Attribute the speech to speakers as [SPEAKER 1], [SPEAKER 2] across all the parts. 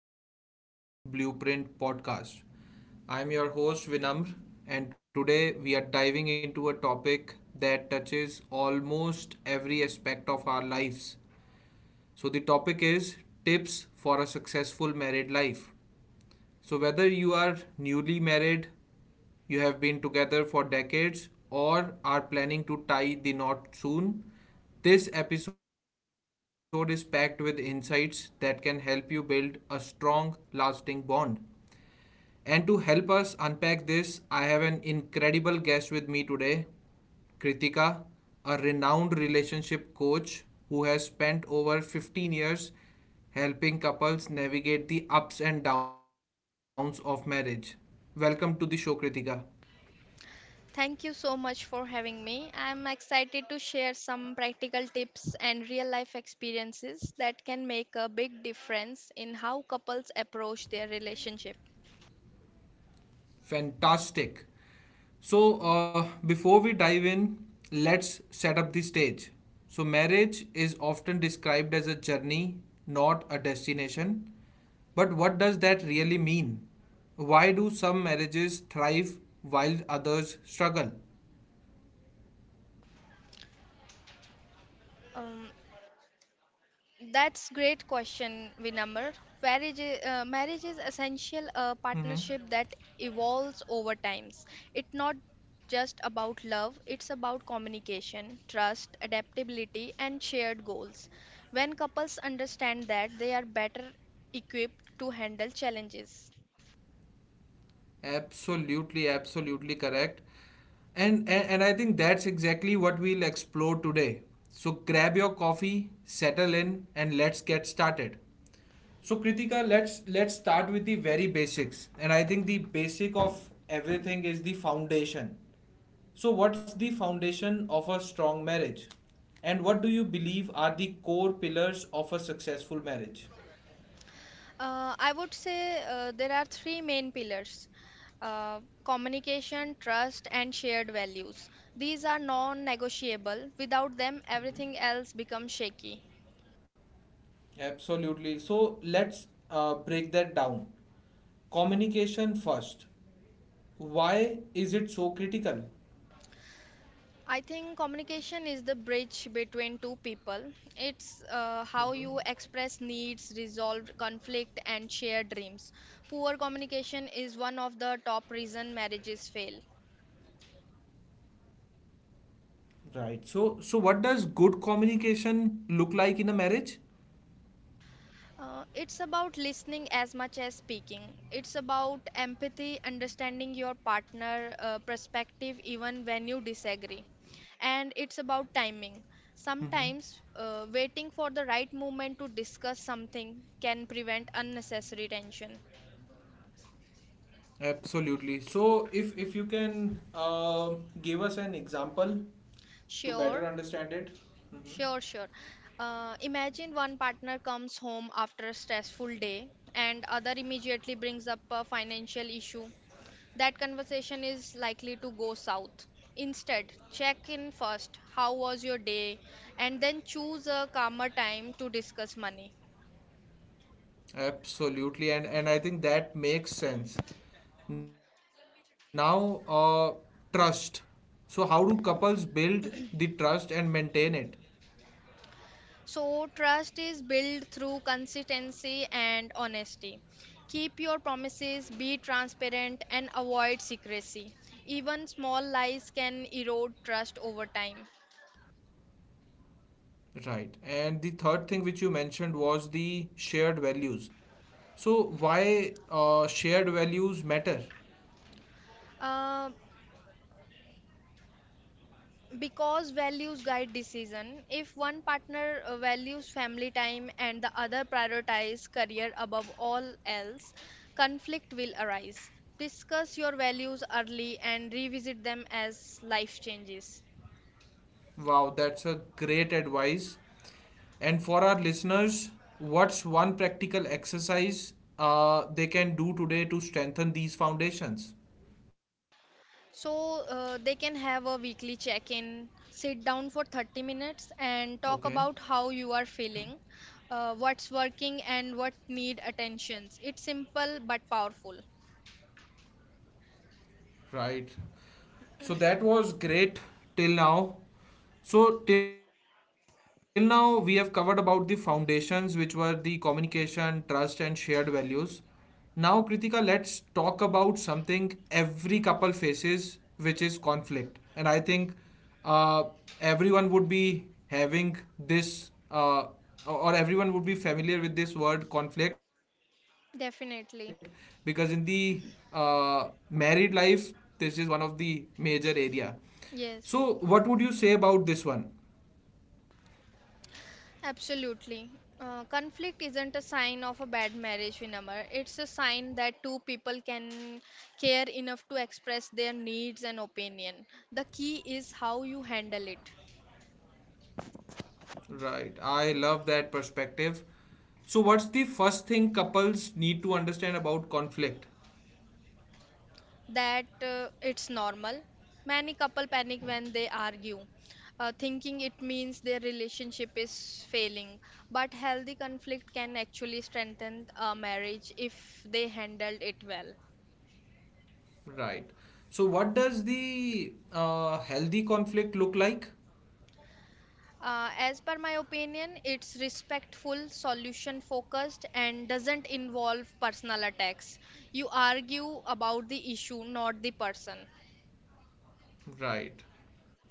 [SPEAKER 1] the Relationship Blueprint podcast. I'm your host Vinamr, and today we are diving into a topic that touches almost every aspect of our lives. So, the topic is tips for a successful married life. So, whether you are newly married, you have been together for decades or are planning to tie the knot soon, this episode is packed with insights that can help you build a strong, lasting bond. And to help us unpack this, I have an incredible guest with me today, Kritika, a renowned relationship coach who has spent over 15 years helping couples navigate the ups and downs of marriage. Welcome to the show, Kritika.
[SPEAKER 2] Thank you so much for having me. I'm excited to share some practical tips and real life experiences that can make a big difference in how couples approach their relationship.
[SPEAKER 1] Fantastic. So, before we dive in, let's set up the stage. So, marriage is often described as a journey, not a destination. But what does that really mean? Why do some marriages thrive while others struggle?
[SPEAKER 2] Um, That's great question, Vinamr. Marriage is
[SPEAKER 1] Mhm.
[SPEAKER 2] essential a partnership that evolves over times. It's not just about love, it's about communication, trust, adaptability, and shared goals. When couples understand that, they are better equipped to handle challenges.
[SPEAKER 1] Absolutely, absolutely correct. And I think that's exactly what we'll explore today. So grab your coffee, settle in, and let's get started. So Kritika, let's start with the very basics. And I think the basic of everything is the foundation. So what's the foundation of a strong marriage? And what do you believe are the core pillars of a successful marriage?
[SPEAKER 2] I would say there are three main pillars, uh, communication, trust, and shared values. These are non negotiable. Without them, everything else becomes shaky.
[SPEAKER 1] Absolutely. So let's break that down. Communication first. Why is it so critical?
[SPEAKER 2] I think communication is the bridge between two people. It's how
[SPEAKER 1] hmm
[SPEAKER 2] you express needs, resolve conflict, and share dreams. Poor communication is one of the top reason marriages fail.
[SPEAKER 1] Right. So what does good communication look like in a marriage?
[SPEAKER 2] It's about listening as much as speaking. It's about empathy, understanding your partner perspective even when you disagree. And it's about timing.
[SPEAKER 1] Mhm.
[SPEAKER 2] Sometimes waiting for the right moment to discuss something can prevent unnecessary tension.
[SPEAKER 1] Absolutely. So if you can give us an example to
[SPEAKER 2] Sure,
[SPEAKER 1] better understand it. hmm
[SPEAKER 2] sure. Imagine one partner comes home after a stressful day and other immediately brings up a financial issue, that conversation is likely to go south. Instead, check in first, how was your day, and then choose a calmer time to discuss money.
[SPEAKER 1] Absolutely, and I think that makes sense. Now, trust. So, how do couples build the trust and maintain it?
[SPEAKER 2] So, trust is built through consistency and honesty. Keep your promises, be transparent, and avoid secrecy. Even small lies can erode trust over time.
[SPEAKER 1] Right. And the third thing which you mentioned was the shared values. So, why shared values matter?
[SPEAKER 2] Uh, Because values guide decision. If one partner values family time and the other prioritizes career above all else, conflict will arise. Discuss your values early and revisit them as life changes.
[SPEAKER 1] Wow, that's a great advice. And for our listeners, what's one practical exercise they can do today to strengthen these foundations?
[SPEAKER 2] So they can have a weekly check in, sit down for 30 minutes
[SPEAKER 1] Okay,
[SPEAKER 2] and talk about how you are feeling, what's working and what need attentions. It's simple but powerful.
[SPEAKER 1] right. So that was great till now. So till now we have covered about the foundations which were the communication, trust and shared values. Now Kritika, let's talk about something every couple faces which is conflict. And I think uh, everyone would be having this, or everyone would be familiar with this word conflict. Because in the
[SPEAKER 2] Definitely.
[SPEAKER 1] uh, married life this is one of the major area. So what would you
[SPEAKER 2] Yes.
[SPEAKER 1] say about this one?
[SPEAKER 2] Absolutely. Conflict isn't a sign of a bad marriage, Vinamar. It's a sign that two people can care enough to express their needs and opinion. The key is how you handle it.
[SPEAKER 1] Right, I love that perspective. So what's the first thing couples need to understand about conflict?
[SPEAKER 2] That it's normal. Many couple panic when they argue, thinking it means their relationship is failing. But healthy conflict can actually strengthen a marriage if they handled it well.
[SPEAKER 1] Right. So what does the healthy conflict look like?
[SPEAKER 2] As per my opinion, it's respectful, solution focused, and doesn't involve personal attacks. You argue about the issue, not the person.
[SPEAKER 1] Right.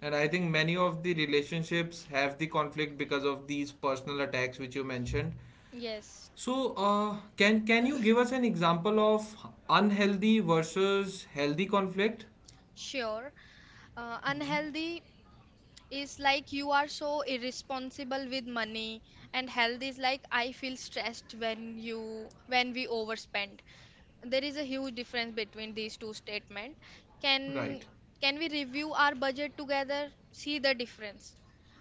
[SPEAKER 1] And I think many of the relationships have the conflict because of these personal attacks which you mentioned.
[SPEAKER 2] Yes,
[SPEAKER 1] So, can you give us an example of unhealthy versus healthy conflict?
[SPEAKER 2] sure.
[SPEAKER 1] Mhm.
[SPEAKER 2] Unhealthy is like, you are so irresponsible with money, and health is like, I feel stressed when you when we overspend. There is a huge difference between these two statements. can
[SPEAKER 1] Right.
[SPEAKER 2] can we review our budget together? See the difference,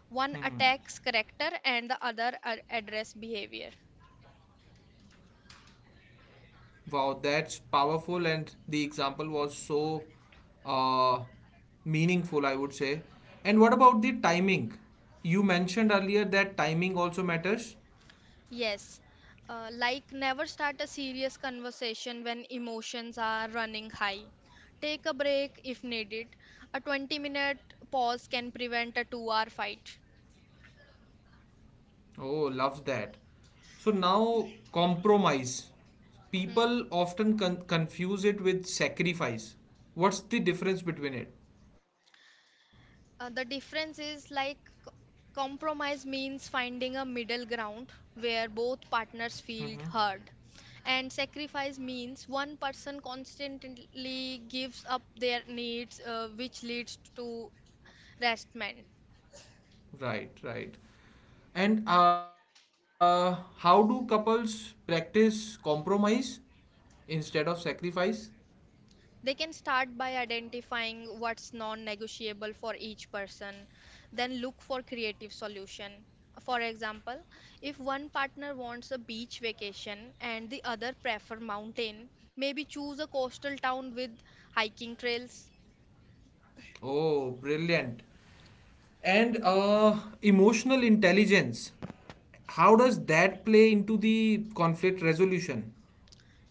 [SPEAKER 2] one
[SPEAKER 1] hmm
[SPEAKER 2] attacks character and the other address behavior.
[SPEAKER 1] Wow, that's powerful, and the example was so uh, meaningful, I would say. And what about the timing? You mentioned earlier that timing also matters.
[SPEAKER 2] Yes, like never start a serious conversation when emotions are running high. Take a break if needed. A 20-minute pause can prevent a 2-hour fight.
[SPEAKER 1] Oh, love that. So now compromise.
[SPEAKER 2] Hmm.
[SPEAKER 1] People often confuse it with sacrifice. What's the difference between it?
[SPEAKER 2] The difference is like, c- compromise means finding a middle ground where both partners
[SPEAKER 1] hmm
[SPEAKER 2] feel heard. And sacrifice means one person constantly gives up their needs, which leads to restment.
[SPEAKER 1] Right, right. And how do couples practice compromise instead of sacrifice?
[SPEAKER 2] They can start by identifying what's non-negotiable for each person, then look for creative solution. For example, if one partner wants a beach vacation and the other prefer mountain, maybe choose a coastal town with hiking trails.
[SPEAKER 1] Oh, brilliant. And emotional intelligence. How does that play into the conflict resolution?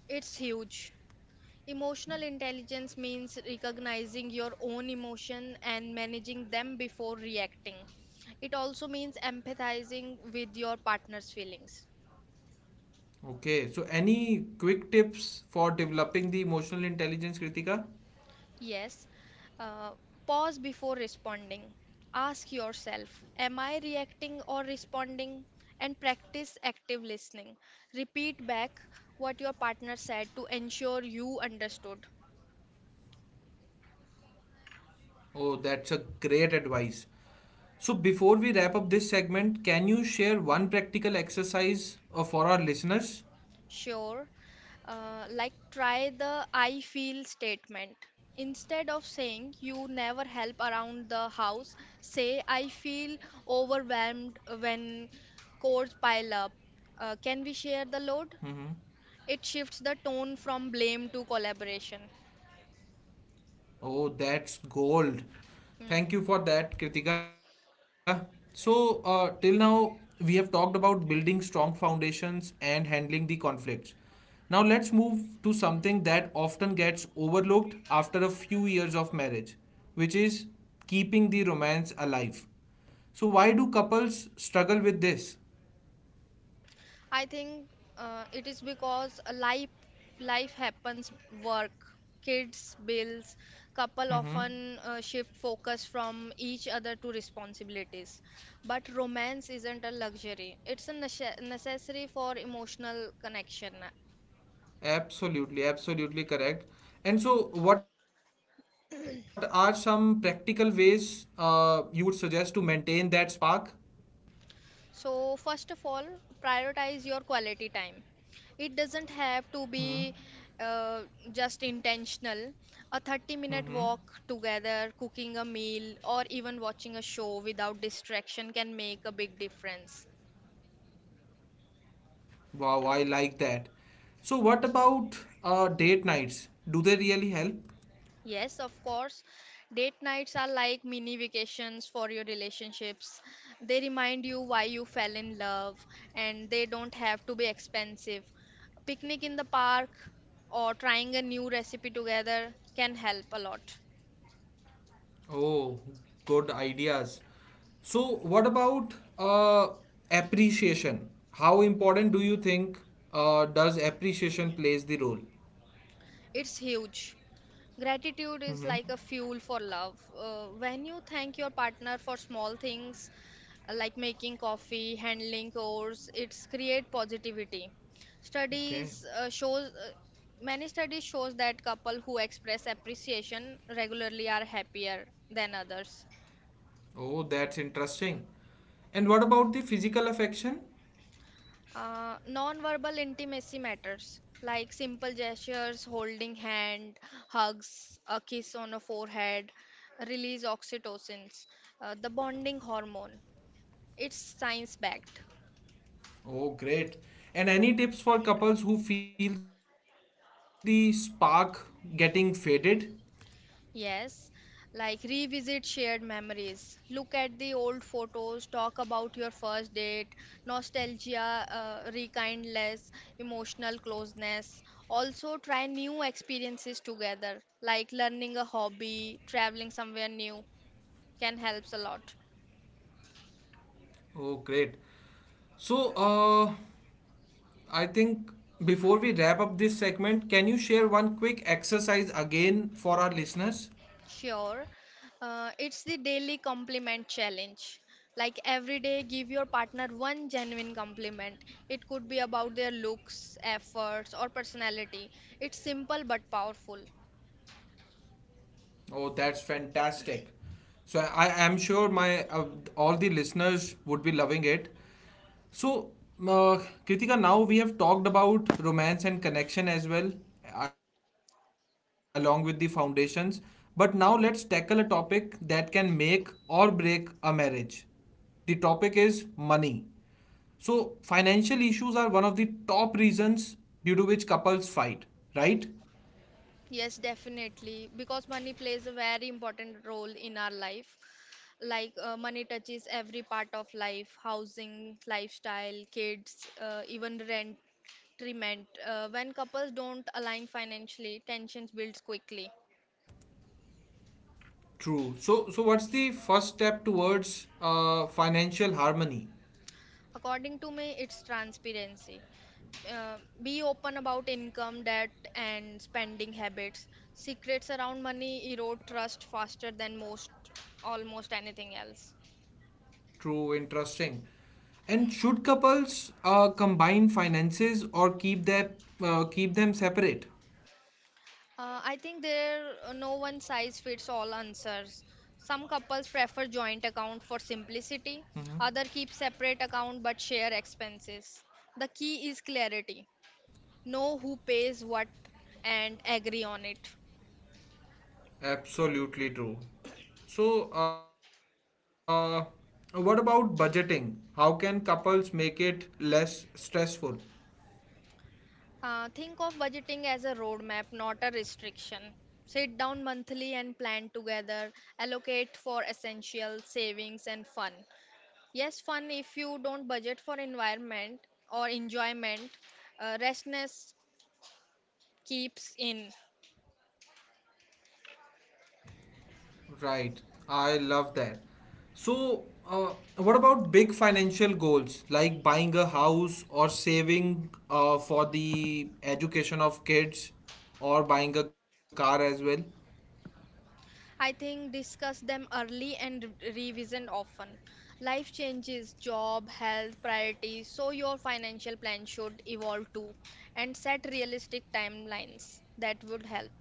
[SPEAKER 2] It's huge. Emotional intelligence means recognizing your own emotion and managing them before reacting. It also means empathizing with your partner's feelings.
[SPEAKER 1] Okay, so any quick tips for developing the emotional intelligence, Kritika?
[SPEAKER 2] Yes, uh, pause before responding. Ask yourself, am I reacting or responding? And practice active listening. Repeat back what your partner said to ensure you understood.
[SPEAKER 1] Oh, that's a great advice. So, before we wrap up this segment, can you share one practical exercise for our listeners?
[SPEAKER 2] Sure, like try the I feel statement. Instead of saying you never help around the house, say I feel overwhelmed when chores pile up. Can we share the load?
[SPEAKER 1] Mm-hmm.
[SPEAKER 2] It shifts the tone from blame to collaboration.
[SPEAKER 1] Oh, that's gold. Thank
[SPEAKER 2] Hmm.
[SPEAKER 1] you for that, Kritika. So, till now, we have talked about building strong foundations and handling the conflicts. Now, let's move to something that often gets overlooked after a few years of marriage, which is keeping the romance alive. So, why do couples struggle with this?
[SPEAKER 2] I think it is because a life life happens, work, kids, bills, couple
[SPEAKER 1] Mm-hmm.
[SPEAKER 2] often shift focus from each other to responsibilities. But romance isn't a luxury; it's a necessary for emotional connection.
[SPEAKER 1] Absolutely, absolutely correct. And so, what are some practical ways you would suggest to maintain that spark?
[SPEAKER 2] So, first of all, prioritize your quality time. It doesn't have
[SPEAKER 1] hmm
[SPEAKER 2] to be uh, just intentional. A 30
[SPEAKER 1] hmm
[SPEAKER 2] minute
[SPEAKER 1] hmm.
[SPEAKER 2] walk together, cooking a meal, or even watching a show without distraction can make a big difference.
[SPEAKER 1] Wow, I like that. So, what about date nights? Do they really help?
[SPEAKER 2] Yes, of course. Date nights are like mini vacations for your relationships. They remind you why you fell in love, and they don't have to be expensive. Picnic in the park or trying a new recipe together can help a lot.
[SPEAKER 1] Oh, good ideas. So, what about appreciation? How important do you think does appreciation plays the role?
[SPEAKER 2] It's huge. Gratitude
[SPEAKER 1] hmm
[SPEAKER 2] is
[SPEAKER 1] hmm.
[SPEAKER 2] like a fuel for love. When you thank your partner for small things like making coffee, handling chores, it's create positivity.
[SPEAKER 1] Okay.
[SPEAKER 2] Studies shows Many studies shows that couple who express appreciation regularly are happier than others.
[SPEAKER 1] Oh, that's interesting. And what about the physical affection?
[SPEAKER 2] Non-verbal intimacy matters, like simple gestures, holding hand, hugs, a kiss on a forehead, release oxytocins, the bonding hormone. It's science-backed.
[SPEAKER 1] Oh, great. And any tips for couples who feel the spark getting faded?
[SPEAKER 2] Yes, like revisit shared memories. Look at the old photos, talk about your first date, nostalgia, rekindness, emotional closeness. Also, try new experiences together, like learning a hobby, traveling somewhere new, can helps a lot.
[SPEAKER 1] Oh, great. So, I think before we wrap up this segment, can you share one quick exercise again for our listeners?
[SPEAKER 2] Sure. It's the daily compliment challenge. Like every day, give your partner one genuine compliment. It could be about their looks, efforts, or personality. It's simple but powerful.
[SPEAKER 1] Oh, that's fantastic. So I am sure my all the listeners would be loving it. So, uh, Kritika, now we have talked about romance and connection as well, along with the foundations. But now let's tackle a topic that can make or break a marriage. The topic is money. So, financial issues are one of the top reasons due to which couples fight, right?
[SPEAKER 2] Yes, definitely. Because money plays a very important role in our life. Like money touches every part of life, housing, lifestyle, kids, even rent treatment. When couples don't align financially, tensions builds quickly.
[SPEAKER 1] True. So, so what's the first step towards financial harmony?
[SPEAKER 2] According to me, it's transparency. Uh, be open about income, debt, and spending habits. Secrets around money erode trust faster than almost anything else.
[SPEAKER 1] True, interesting. And should couples combine finances or keep their keep them separate?
[SPEAKER 2] I think there are no one size fits all answers. Some couples prefer joint account for simplicity, other keep separate account but share expenses. The key is clarity. Know who pays what and agree on it.
[SPEAKER 1] Absolutely true. So, what about budgeting? How can couples make it less stressful?
[SPEAKER 2] Think of budgeting as a roadmap, not a restriction. Sit down monthly and plan together. Allocate for essential, savings, and fun. Yes, fun, if you don't budget for environment or enjoyment. Restlessness keeps in.
[SPEAKER 1] Right, I love that. So, what about big financial goals like buying a house or saving for the education of kids, or buying a car as well?
[SPEAKER 2] I think discuss them early and revision often. Life changes, job, health, priorities, so your financial plan should evolve too. And set realistic timelines that would help.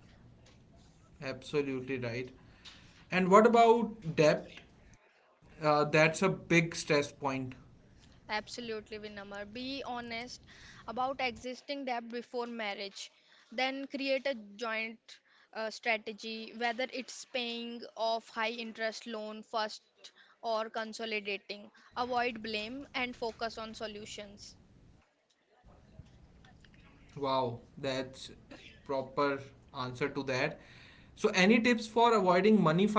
[SPEAKER 1] Absolutely right. And what about debt? That's a big stress point.
[SPEAKER 2] Absolutely, Vinamar. Be honest about existing debt before marriage. Then create a joint strategy, whether it's paying off high interest loan first or consolidating. Avoid blame and focus on solutions.
[SPEAKER 1] Wow, that's proper answer to that. So any tips for avoiding money fights?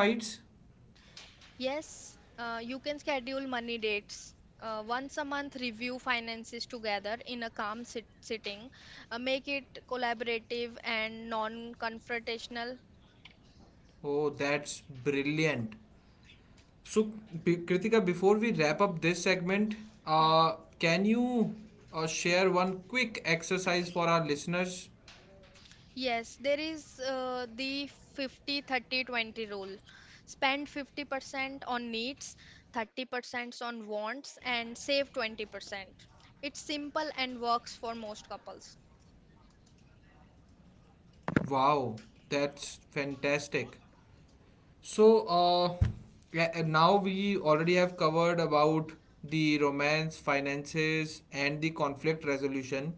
[SPEAKER 2] Yes, you can schedule money dates. Once a month, review finances together in a calm sitting. Make it collaborative and non confrontational.
[SPEAKER 1] Oh, that's brilliant. So Kritika, before we wrap up this segment, can you share one quick exercise for our listeners?
[SPEAKER 2] Yes, there is the 50 30 20 rule. Spend 50% on needs, 30% on wants, and save 20%. It's simple and works for most couples.
[SPEAKER 1] Wow, that's fantastic. So, yeah, and now we already have covered about the romance, finances, and the conflict resolution.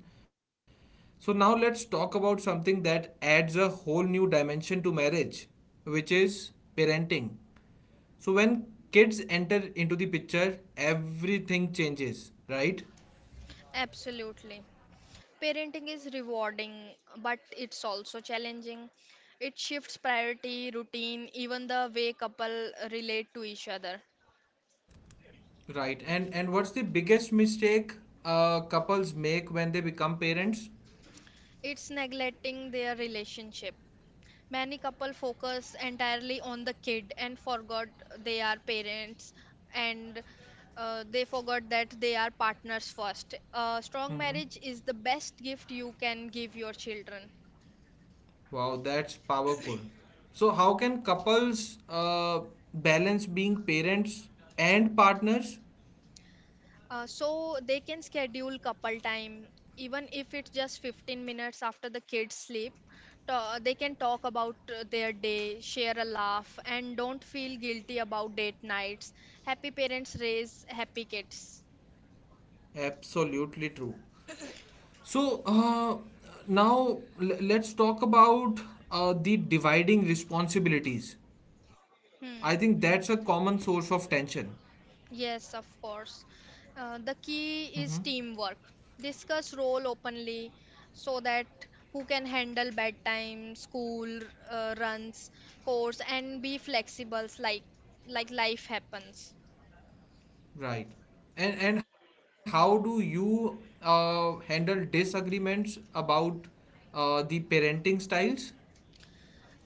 [SPEAKER 1] So, now let's talk about something that adds a whole new dimension to marriage, which is parenting. So, when kids enter into the picture, everything changes, right?
[SPEAKER 2] Absolutely. Parenting is rewarding, but it's also challenging. It shifts priority, routine, even the way couple relate to each other.
[SPEAKER 1] Right. And what's the biggest mistake couples make when they become parents?
[SPEAKER 2] It's neglecting their relationship. Many couple focus entirely on the kid and forgot they are parents, and they forgot that they are partners first. A strong marriage is the best gift you can give your children.
[SPEAKER 1] Wow, that's powerful. So, how can couples balance being parents and partners?
[SPEAKER 2] So they can schedule couple time, even if it's just 15 minutes after the kids sleep. They can talk about their day, share a laugh, and don't feel guilty about date nights. Happy parents raise happy kids.
[SPEAKER 1] Absolutely true. So, now let's talk about the dividing responsibilities. I think that's
[SPEAKER 2] Hmm.
[SPEAKER 1] a common source of tension,
[SPEAKER 2] Yes, of course. The key is teamwork. Discuss role openly, so that who can handle bedtime, school runs, course, and be flexible, like life happens.
[SPEAKER 1] right? And how do you handle disagreements about the parenting styles?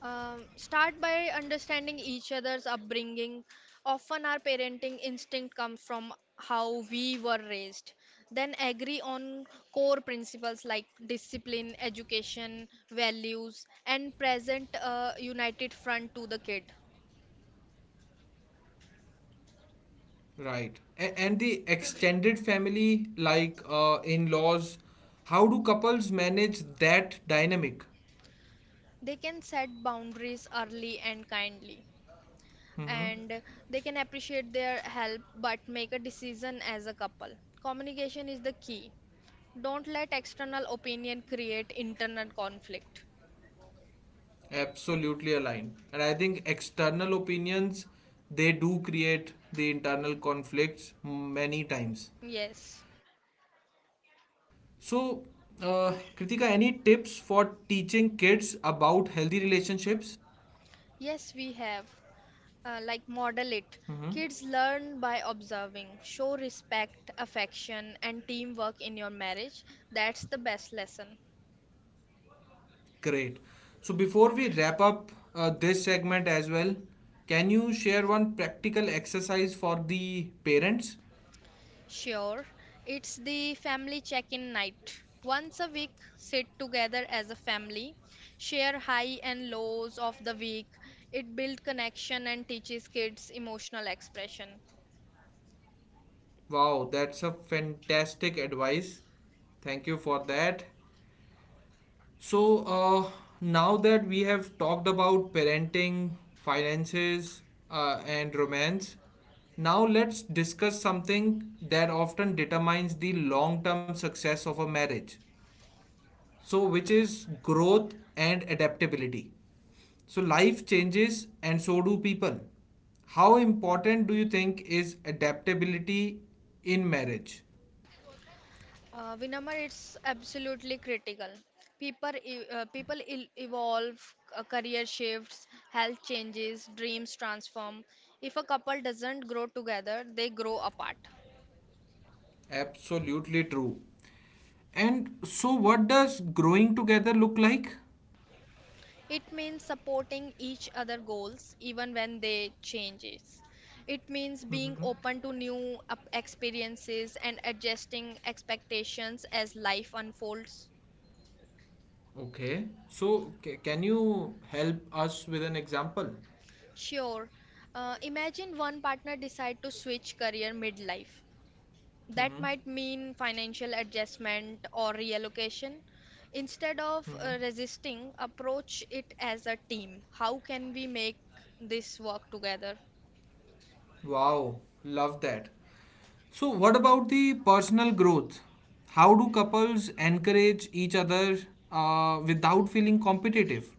[SPEAKER 2] Start by understanding each other's upbringing. Often, our parenting instinct comes from how we were raised. Then, agree on core principles like discipline, education, values, and present a united front to the kid.
[SPEAKER 1] Right. And the extended family, like in laws, how do couples manage that dynamic?
[SPEAKER 2] They can set boundaries early and kindly,
[SPEAKER 1] Mm-hmm.
[SPEAKER 2] and they can appreciate their help but make a decision as a couple. Communication is the key. Don't let external opinion create internal conflict.
[SPEAKER 1] Absolutely aligned. And I think external opinions, they do create the internal conflicts many times.
[SPEAKER 2] Yes,
[SPEAKER 1] So, Kritika, any tips for teaching kids about healthy relationships?
[SPEAKER 2] yes, we have. Like, model
[SPEAKER 1] Mm-hmm.
[SPEAKER 2] it. Kids learn by observing. Show respect, affection, and teamwork in your marriage. That's the best lesson.
[SPEAKER 1] Great. So before we wrap up this segment as well, can you share one practical exercise for the parents?
[SPEAKER 2] Sure, it's the family check in night. Once a week, sit together as a family, share high and lows of the week. It builds connection and teaches kids emotional expression.
[SPEAKER 1] Wow, that's a fantastic advice. Thank you for that. So now that we have talked about parenting, finances, and romance, now let's discuss something that often determines the long term success of a marriage. So, which is growth and adaptability. So life changes and so do people. How important do you think is adaptability in marriage?
[SPEAKER 2] Vinamar, it's absolutely critical.
[SPEAKER 1] Mhm.
[SPEAKER 2] People evolve, career shifts, health changes, dreams transform. If a couple doesn't grow together, they grow apart.
[SPEAKER 1] Absolutely true. And so what does growing together look like?
[SPEAKER 2] It means supporting each other goals even when they changes. It means being
[SPEAKER 1] Mhm.
[SPEAKER 2] open to new experiences and adjusting expectations as life unfolds.
[SPEAKER 1] Okay. So can you help us with an example?
[SPEAKER 2] Sure. Imagine one partner decide to switch career midlife. That
[SPEAKER 1] Mhm.
[SPEAKER 2] might mean financial adjustment or reallocation. Instead of
[SPEAKER 1] Mhm.
[SPEAKER 2] resisting, approach it as a team. How can we make this work together?
[SPEAKER 1] Wow, love that. So, what about the personal growth? How do couples encourage each other without feeling competitive?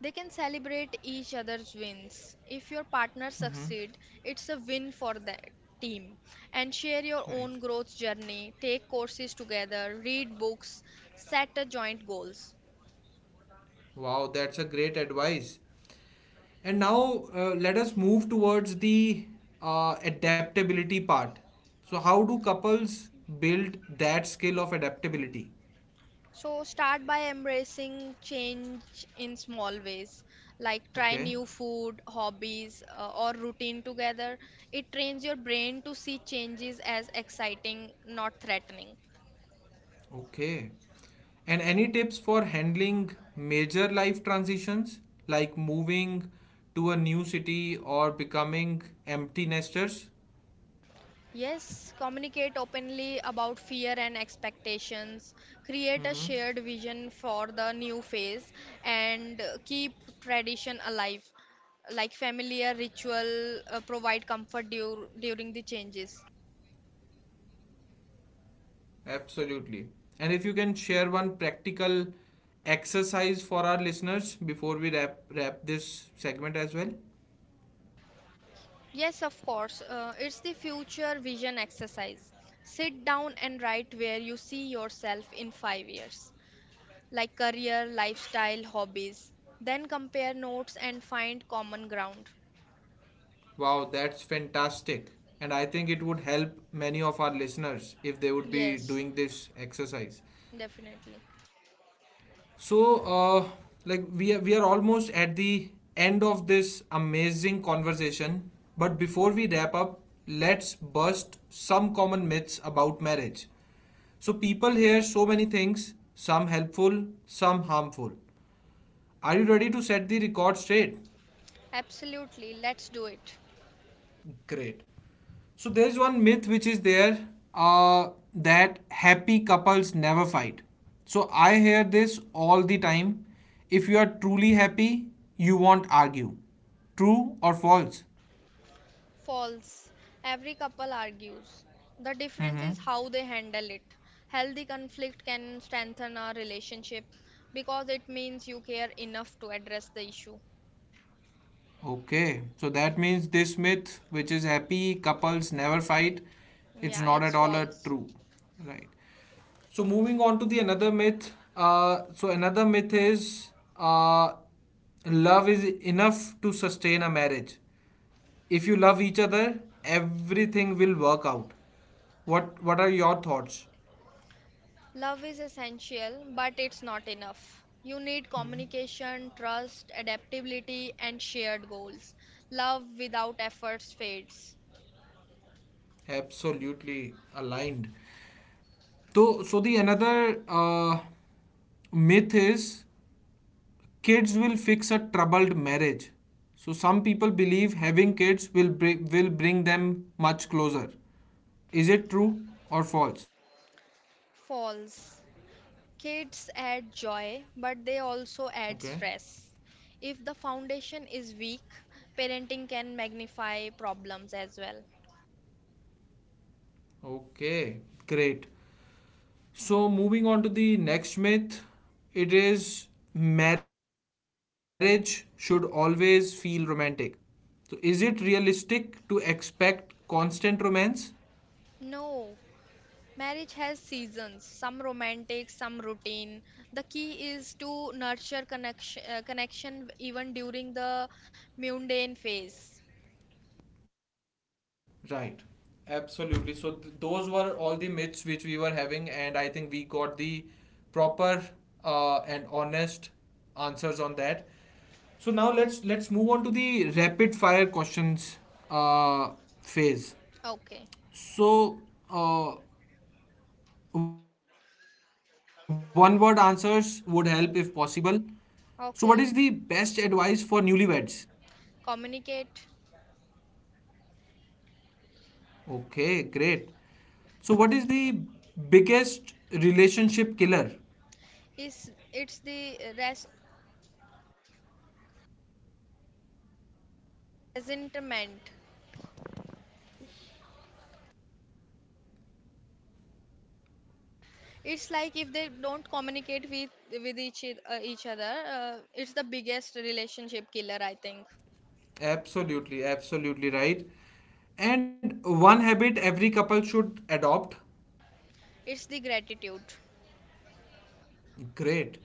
[SPEAKER 2] They can celebrate each other's wins. If your partner
[SPEAKER 1] Mhm.
[SPEAKER 2] succeed, it's a win for the team. And share your
[SPEAKER 1] Right.
[SPEAKER 2] own growth journey, take courses together, read books, set a joint goals.
[SPEAKER 1] Wow, that's a great advice. And now let us move towards the adaptability part. So, how do couples build that skill of adaptability?
[SPEAKER 2] So start by embracing change in small ways, like try
[SPEAKER 1] Okay.
[SPEAKER 2] new food, hobbies, or routine together. It trains your brain to see changes as exciting, not threatening.
[SPEAKER 1] Okay. And any tips for handling major life transitions like moving to a new city or becoming empty nesters?
[SPEAKER 2] Yes, communicate openly about fear and expectations. Create a
[SPEAKER 1] Mm-hmm.
[SPEAKER 2] shared vision for the new phase and keep tradition alive, like familiar ritual, provide comfort during the changes.
[SPEAKER 1] Absolutely. And if you can share one practical exercise for our listeners before we wrap this segment as well.
[SPEAKER 2] Yes, of course. It's the future vision exercise. Sit down and write where you see yourself in 5 years, like career, lifestyle, hobbies. Then compare notes and find common ground.
[SPEAKER 1] Wow, that's fantastic. And I think it would help many of our listeners if they would be
[SPEAKER 2] Yes,
[SPEAKER 1] doing this exercise.
[SPEAKER 2] definitely.
[SPEAKER 1] So, like we are almost at the end of this amazing conversation. But before we wrap up, let's bust some common myths about marriage. So people hear so many things, some helpful, some harmful. Are you ready to set the record straight?
[SPEAKER 2] Absolutely. Let's do it.
[SPEAKER 1] Great. So there is one myth which is there that happy couples never fight. So I hear this all the time. If you are truly happy, you won't argue. True or false?
[SPEAKER 2] False. Every couple argues. The
[SPEAKER 1] Mm-hmm.
[SPEAKER 2] difference is how they handle it. Healthy conflict can strengthen our relationship because it means you care enough to address the issue.
[SPEAKER 1] Okay. So that means this myth, which is happy couples never fight, it's
[SPEAKER 2] Yeah,
[SPEAKER 1] not
[SPEAKER 2] it's
[SPEAKER 1] at all a
[SPEAKER 2] false.
[SPEAKER 1] true. Right. So moving on to the another myth. So another myth is uh, love is enough to sustain a marriage. If you love each other, everything will work out. What are your thoughts?
[SPEAKER 2] Love is essential, but it's not enough. You need communication, trust, adaptability, and shared goals. Love without efforts fades.
[SPEAKER 1] Absolutely aligned. So so the another myth is kids will fix a troubled marriage. So some people believe having kids will will bring them much closer. Is it true or false?
[SPEAKER 2] False. Kids add joy, but they
[SPEAKER 1] Okay.
[SPEAKER 2] also add stress. If the foundation is weak, parenting can magnify problems as well.
[SPEAKER 1] Okay. Great. So moving on to the next myth, it is marriage should always feel romantic. So is it realistic to expect constant romance?
[SPEAKER 2] No, marriage has seasons, some romantic, some routine. The key is to nurture connection even during the mundane phase.
[SPEAKER 1] Right. Absolutely. So those were all the myths which we were having and I think we got the proper and honest answers on that. So now let's move on to the rapid fire questions uh, phase.
[SPEAKER 2] Okay,
[SPEAKER 1] So, uh, one word answers would help if possible. So, what is the best
[SPEAKER 2] okay.
[SPEAKER 1] advice for newlyweds?
[SPEAKER 2] Communicate.
[SPEAKER 1] Okay, great. So, what is the biggest relationship killer?
[SPEAKER 2] Is it's the res resentment. It's like if they don't communicate with each each other, it's the biggest relationship killer, I think.
[SPEAKER 1] Absolutely, absolutely right. And one habit every couple should adopt?
[SPEAKER 2] It's the gratitude.
[SPEAKER 1] Great.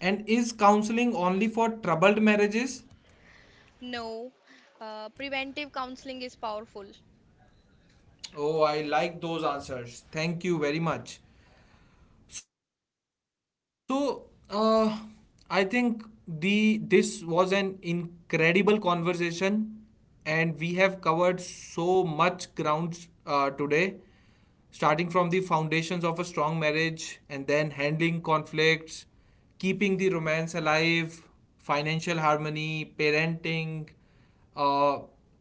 [SPEAKER 1] And is counseling only for troubled marriages?
[SPEAKER 2] No, preventive counseling is powerful.
[SPEAKER 1] Oh, I like those answers. Thank you very much. So, uh, I think the this was an incredible conversation, and we have covered so much grounds today, starting from the foundations of a strong marriage, and then handling conflicts, keeping the romance alive, financial harmony, parenting, uh,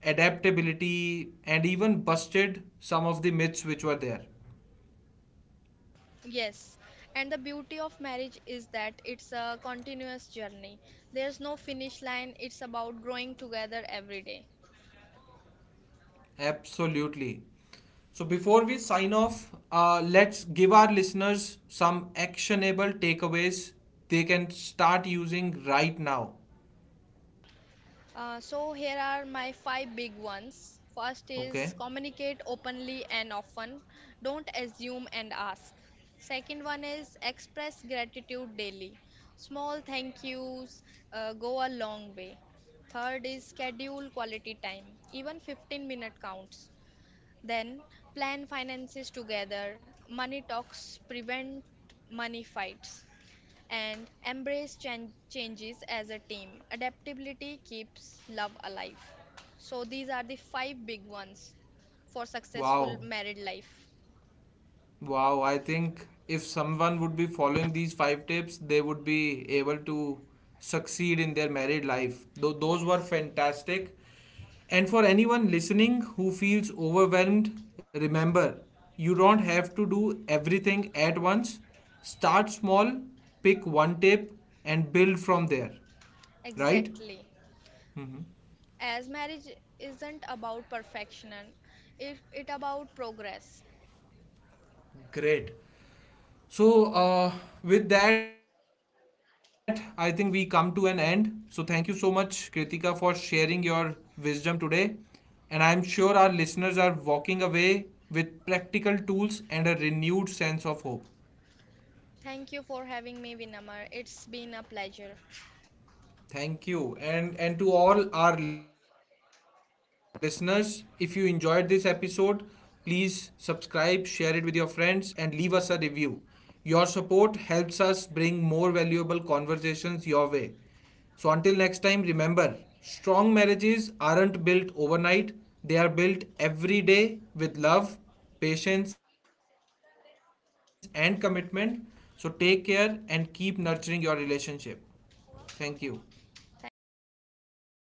[SPEAKER 1] adaptability, and even busted some of the myths which were there.
[SPEAKER 2] Yes, and the beauty of marriage is that it's a continuous journey. There's no finish line, it's about growing together every day.
[SPEAKER 1] Absolutely. So before we sign off, let's give our listeners some actionable takeaways they can start using right now.
[SPEAKER 2] So, here are my five big ones. First
[SPEAKER 1] Okay.
[SPEAKER 2] is communicate openly and often, don't assume and ask. Second one is express gratitude daily. Small thank yous go a long way. Third is schedule quality time, even 15-minute counts. Then plan finances together. Money talks prevent money fights, and embrace changes as a team. Adaptability keeps love alive. So these are the five big ones for successful
[SPEAKER 1] Wow.
[SPEAKER 2] married life.
[SPEAKER 1] Wow, I think if someone would be following these 5 tips, they would be able to succeed in their married life. Though those were
[SPEAKER 2] Yes.
[SPEAKER 1] fantastic. And for anyone listening who feels overwhelmed, remember you don't have to do everything at once. Start small, pick one tip, and build from there. Right?
[SPEAKER 2] Exactly.
[SPEAKER 1] Mhm.
[SPEAKER 2] As marriage isn't about perfection, it about progress.
[SPEAKER 1] Great. So, with that, I think we come to an end. So, thank you so much, Kritika, for sharing your wisdom today. And I'm sure our listeners are walking away with practical tools and a renewed sense of hope.
[SPEAKER 2] Thank you for having me, Vinamar. It's been a pleasure.
[SPEAKER 1] Thank you. And to all our listeners, if you enjoyed this episode, please subscribe, share it with your friends and leave us a review. Your support helps us bring more valuable conversations your way. So until next time, remember, strong marriages aren't built overnight. They are built every day with love, patience and commitment. So take care and keep nurturing your relationship. Thank you.
[SPEAKER 2] Thank you.